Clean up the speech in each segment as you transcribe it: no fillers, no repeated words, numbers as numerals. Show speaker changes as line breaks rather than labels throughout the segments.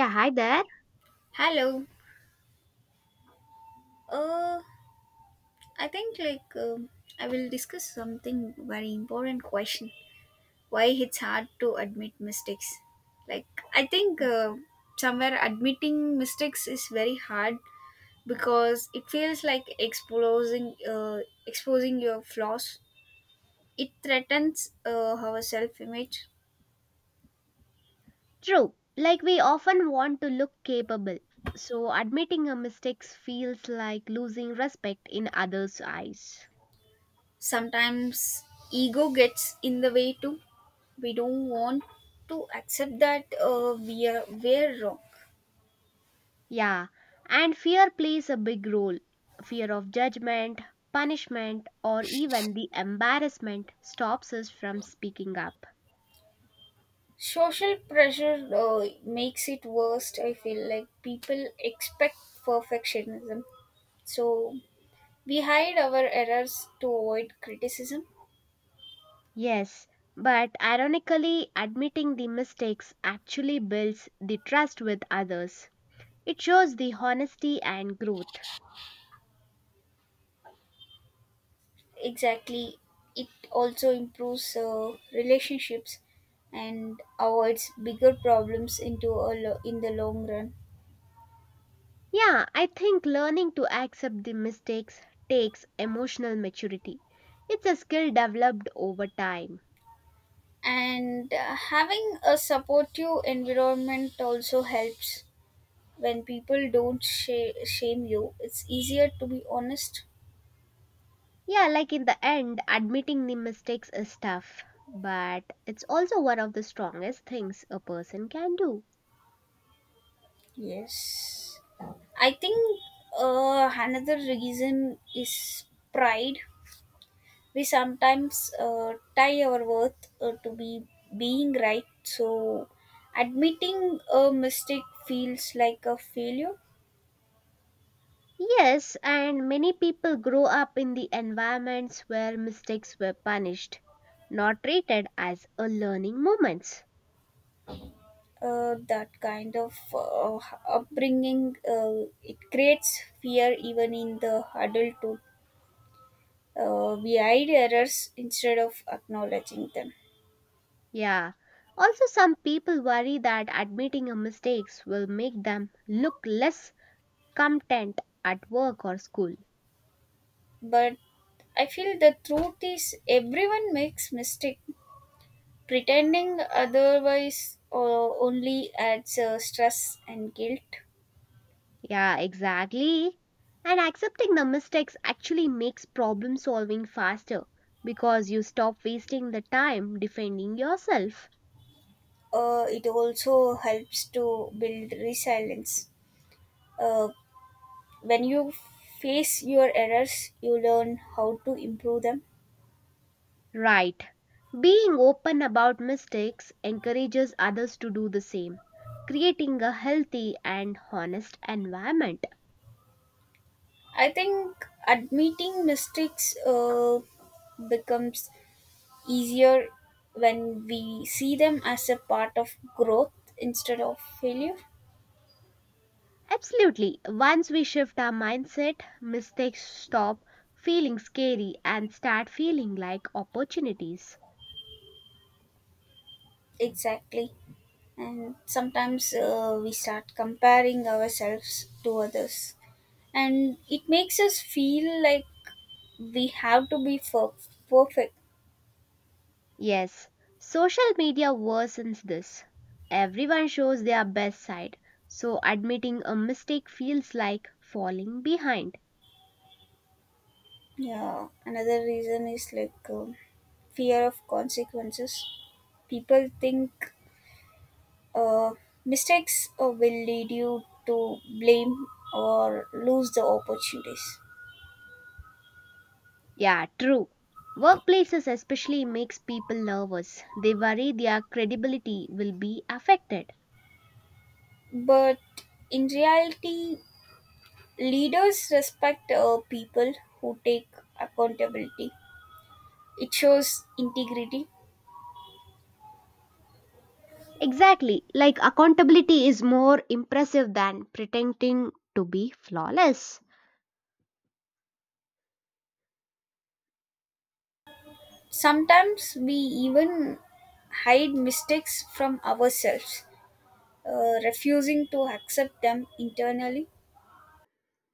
Yeah, hi there.
Hello. Uh, I think I will discuss something very important question. Why it's hard to admit mistakes? Like, I think somewhere admitting mistakes is very hard because it feels like exposing your flaws. It threatens our self image.
True. Like we often want to look capable. So admitting our mistakes feels like losing respect in others' eyes.
Sometimes ego gets in the way too. We don't want to accept that we're wrong.
Yeah. And fear plays a big role. Fear of judgment, punishment, or even the embarrassment stops us from speaking up.
Social pressure makes it worst. I feel like people expect perfectionism, so we hide our errors to avoid criticism.
Yes. But ironically, admitting the mistakes actually builds the trust with others. It shows the honesty and growth.
Exactly. It also improves relationships and avoids bigger problems in the long run.
Yeah, I think learning to accept the mistakes takes emotional maturity. It's a skill developed over time.
And having a supportive environment also helps. When people don't shame you, it's easier to be honest.
Yeah, like in the end, admitting the mistakes is tough, but it's also one of the strongest things a person can do.
Yes. I think another reason is pride. We sometimes tie our worth to be being right, so admitting a mistake feels like a failure.
Yes, and many people grow up in the environments where mistakes were punished, not treated as a learning moments.
That kind of upbringing, it creates fear even in the adulthood. We hide errors instead of acknowledging them.
Yeah. Also, some people worry that admitting a mistakes will make them look less competent at work or school.
But I feel the truth is everyone makes mistake. Pretending otherwise only adds stress and guilt.
Yeah, exactly. And accepting the mistakes actually makes problem solving faster because you stop wasting the time defending yourself.
It also helps to build resilience. Uh, when you face your errors, you learn how to improve them.
Right. Being open about mistakes encourages others to do the same, creating a healthy and honest environment.
I think admitting mistakes becomes easier when we see them as a part of growth instead of failure.
Absolutely. Once we shift our mindset, mistakes stop feeling scary and start feeling like opportunities.
Exactly. And sometimes we start comparing ourselves to others, and it makes us feel like we have to be perfect.
Yes, social media worsens this. Everyone shows their best side, so admitting a mistake feels like falling behind.
Yeah, another reason is like fear of consequences. People think uh, mistakes will lead you to blame or lose the opportunities.
Yeah, true. Workplaces especially makes people nervous. They worry their credibility will be affected.
But in reality, leaders respect people who take accountability. It shows integrity.
Exactly, like accountability is more impressive than pretending to be flawless.
Sometimes we even hide mistakes from ourselves, refusing to accept them internally.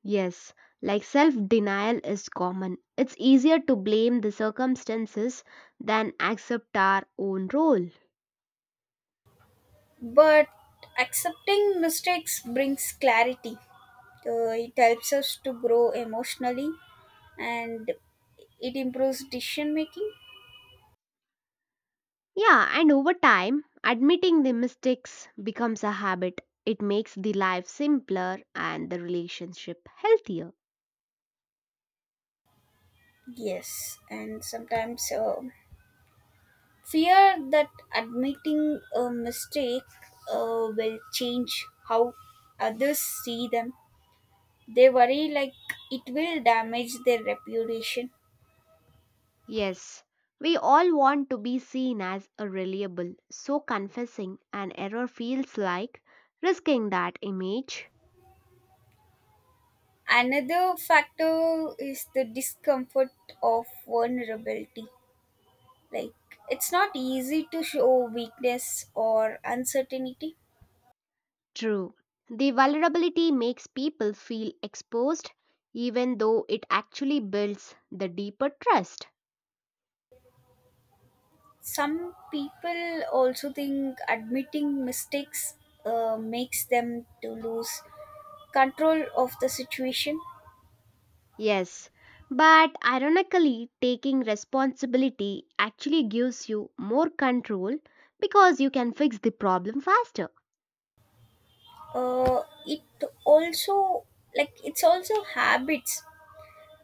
Yes, like self denial is common. It's easier to blame the circumstances than accept our own role.
But accepting mistakes brings clarity. It helps us to grow emotionally, and it improves decision making.
Yeah, and over time, admitting the mistakes becomes a habit. It makes the life simpler and the relationship healthier.
Yes, and sometimes fear that admitting a mistake will change how others see them. They worry like it will damage their reputation.
Yes, we all want to be seen as a reliable, so confessing an error feels like risking that image.
Another factor is the discomfort of vulnerability. Like, it's not easy to show weakness or uncertainty.
True. The vulnerability makes people feel exposed, even though it actually builds the deeper trust.
Some people also think admitting mistakes makes them to lose control of the situation.
Yes, but ironically, taking responsibility actually gives you more control because you can fix the problem faster.
uh, it also, like, it's also habits.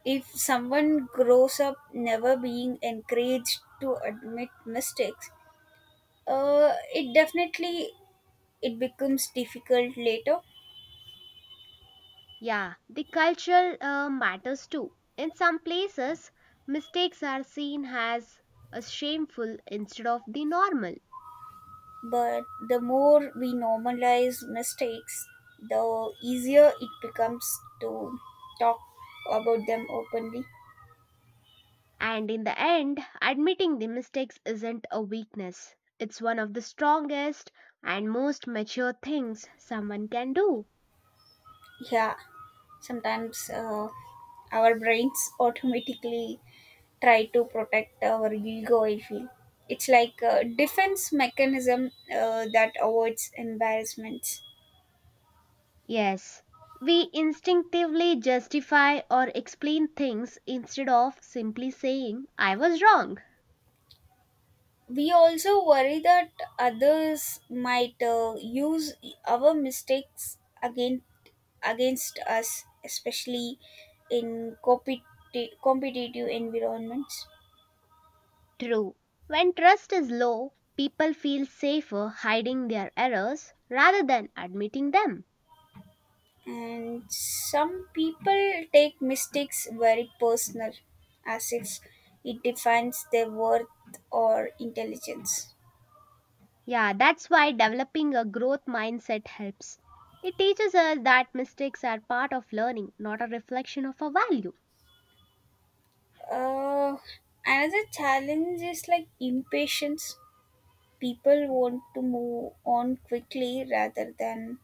If someone grows up never being encouraged to admit mistakes, it definitely, it becomes difficult later.
Yeah, the culture matters too. In some places, mistakes are seen as a shameful instead of the normal.
But the more we normalize mistakes, the easier it becomes to talk about them openly.
And in the end, admitting the mistakes isn't a weakness. It's one of the strongest and most mature things someone can do.
Yeah, sometimes our brains automatically try to protect our ego, I feel. It's like a defense mechanism that avoids embarrassments.
Yes, we instinctively justify or explain things instead of simply saying, I was wrong.
We also worry that others might use our mistakes again against us, especially in competitive environments.
True. When trust is low, people feel safer hiding their errors rather than admitting them.
And some people take mistakes very personal, as if it defines their worth or intelligence.
Yeah, that's why developing a growth mindset helps. It teaches us that mistakes are part of learning, not a reflection of our value.
uh, another challenge is like impatience. People want to move on quickly rather than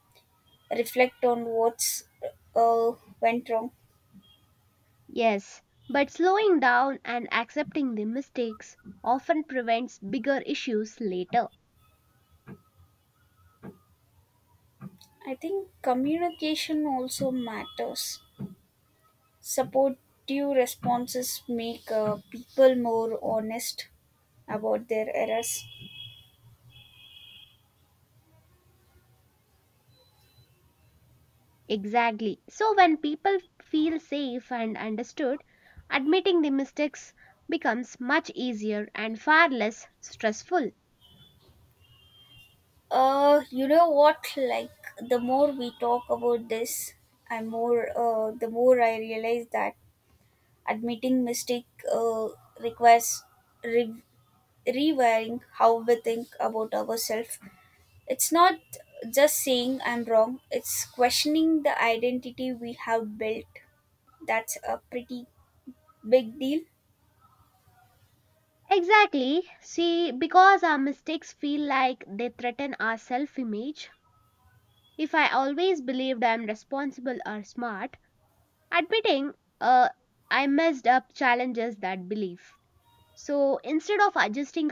reflect on what's uh, went wrong.
Yes, but slowing down and accepting the mistakes often prevents bigger issues later.
I think communication also matters. Supportive responses make people more honest about their errors.
Exactly. So when people feel safe and understood, admitting the mistakes becomes much easier and far less stressful.
You know what? Like, the more we talk about this, the more I realize that admitting mistake uh, requires re- rewiring how we think about ourselves. It's not just saying I'm wrong; it's questioning the identity we have built. That's a pretty big deal.
Exactly. See, because our mistakes feel like they threaten our self image, if I always believed I'm responsible or smart, admitting uh, I messed up challenges that belief. So instead of adjusting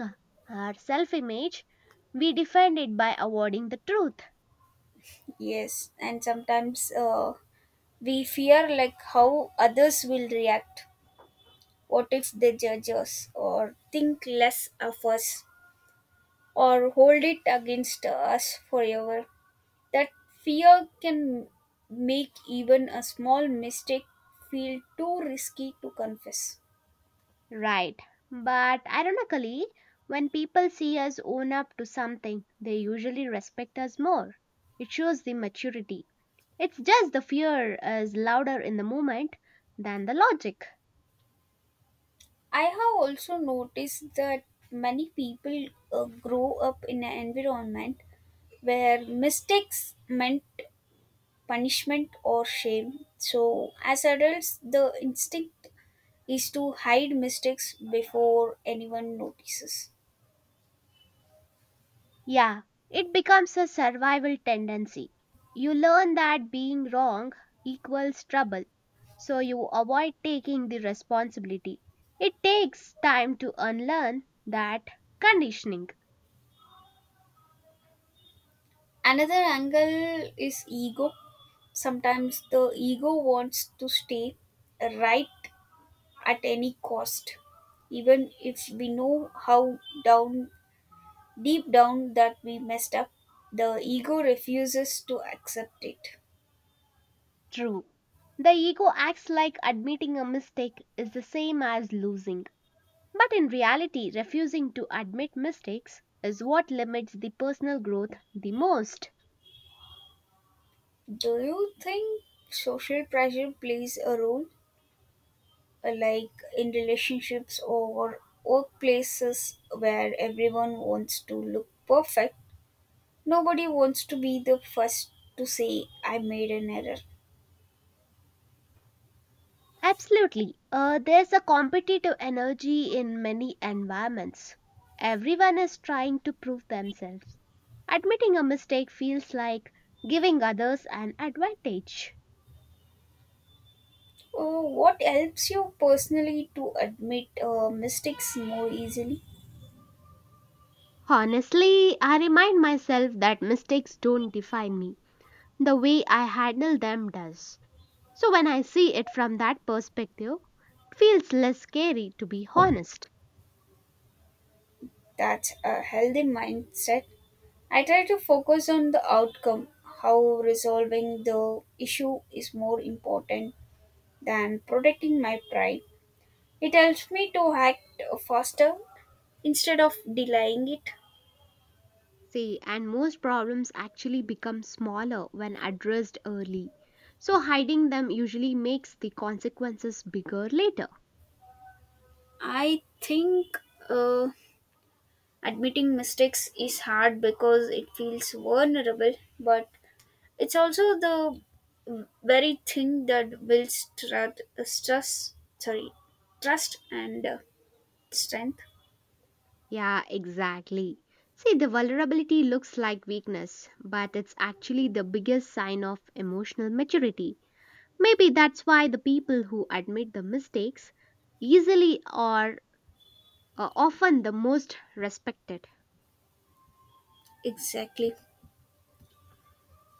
our self image, we defend it by avoiding the truth.
Yes, and sometimes we fear like how others will react. What if they judge us or think less of us or hold it against us forever? That fear can make even a small mistake feel too risky to confess.
Right. But ironically, when people see us own up to something, they usually respect us more. It shows the maturity. It's just the fear is louder in the moment than the logic.
I have also noticed that many people grow up in an environment where mistakes meant punishment or shame. So, as adults, the instinct is to hide mistakes before anyone notices.
Yeah, it becomes a survival tendency. You learn that being wrong equals trouble, so you avoid taking the responsibility. It takes time to unlearn that conditioning.
Another angle is ego. Sometimes the ego wants to stay right at any cost, even if we know how down deep down that we messed up. The ego refuses to accept it.
True. The ego acts like admitting a mistake is the same as losing. But in reality, refusing to admit mistakes is what limits the personal growth the most.
Do you think social pressure plays a role? Like, in relationships or workplaces where everyone wants to look perfect. Nobody wants to be the first to say, I made an error.
Absolutely. There's a competitive energy in many environments. Everyone is trying to prove themselves. Admitting a mistake feels like giving others an advantage.
Oh, what helps you personally to admit mistakes more easily?
Honestly, I remind myself that mistakes don't define me. The way I handle them does. So when I see it from that perspective, it feels less scary to be honest.
That's a healthy mindset. I try to focus on the outcome, how resolving the issue is more important than protecting my pride. It helps me to act faster instead of delaying it.
See, and most problems actually become smaller when addressed early. So hiding them usually makes the consequences bigger later.
I think uh, admitting mistakes is hard because it feels vulnerable, but it's also the very thing that builds trust and strength.
Yeah, exactly. See, the vulnerability looks like weakness, but it's actually the biggest sign of emotional maturity. Maybe that's why the people who admit the mistakes easily or are often the most respected.
Exactly.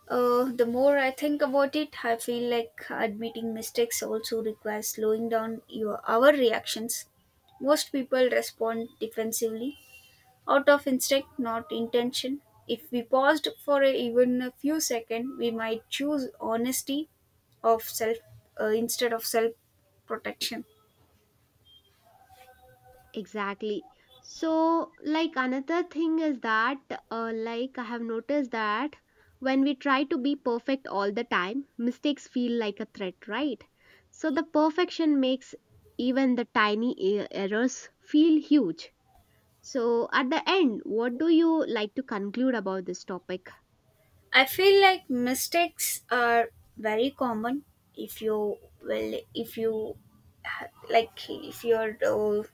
The more I think about it, I feel like admitting mistakes also requires slowing down your our reactions. Most people respond defensively out of instinct, not intention. If we paused for a, even a few seconds, we might choose honesty of self instead of self protection.
Exactly. So like another thing is that like I have noticed that when we try to be perfect all the time, mistakes feel like a threat, right? So the perfection makes even the tiny errors feel huge. So at the end, what do you like to conclude about this topic?
I feel like mistakes are very common. If you, well, if you if you're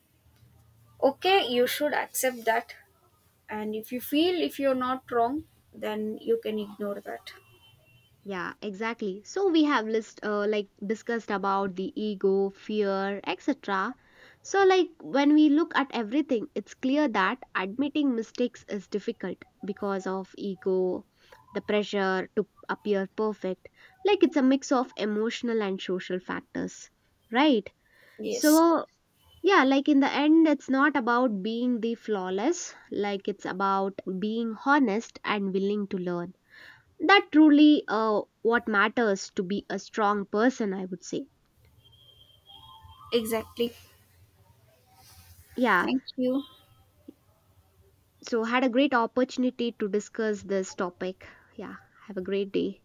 okay, you should accept that. And if you feel if you're not wrong, then you can ignore that.
Yeah, exactly. So we have list like discussed about the ego, fear, etc. So like when we look at everything, it's clear that admitting mistakes is difficult because of ego, the pressure to appear perfect. Like it's a mix of emotional and social factors, right?
Yes.
So yeah, like in the end, it's not about being the flawless, like it's about being honest and willing to learn that truly what matters to be a strong person, I would say.
Exactly.
Yeah.
Thank you.
So had a great opportunity to discuss this topic. Yeah. Have a great day.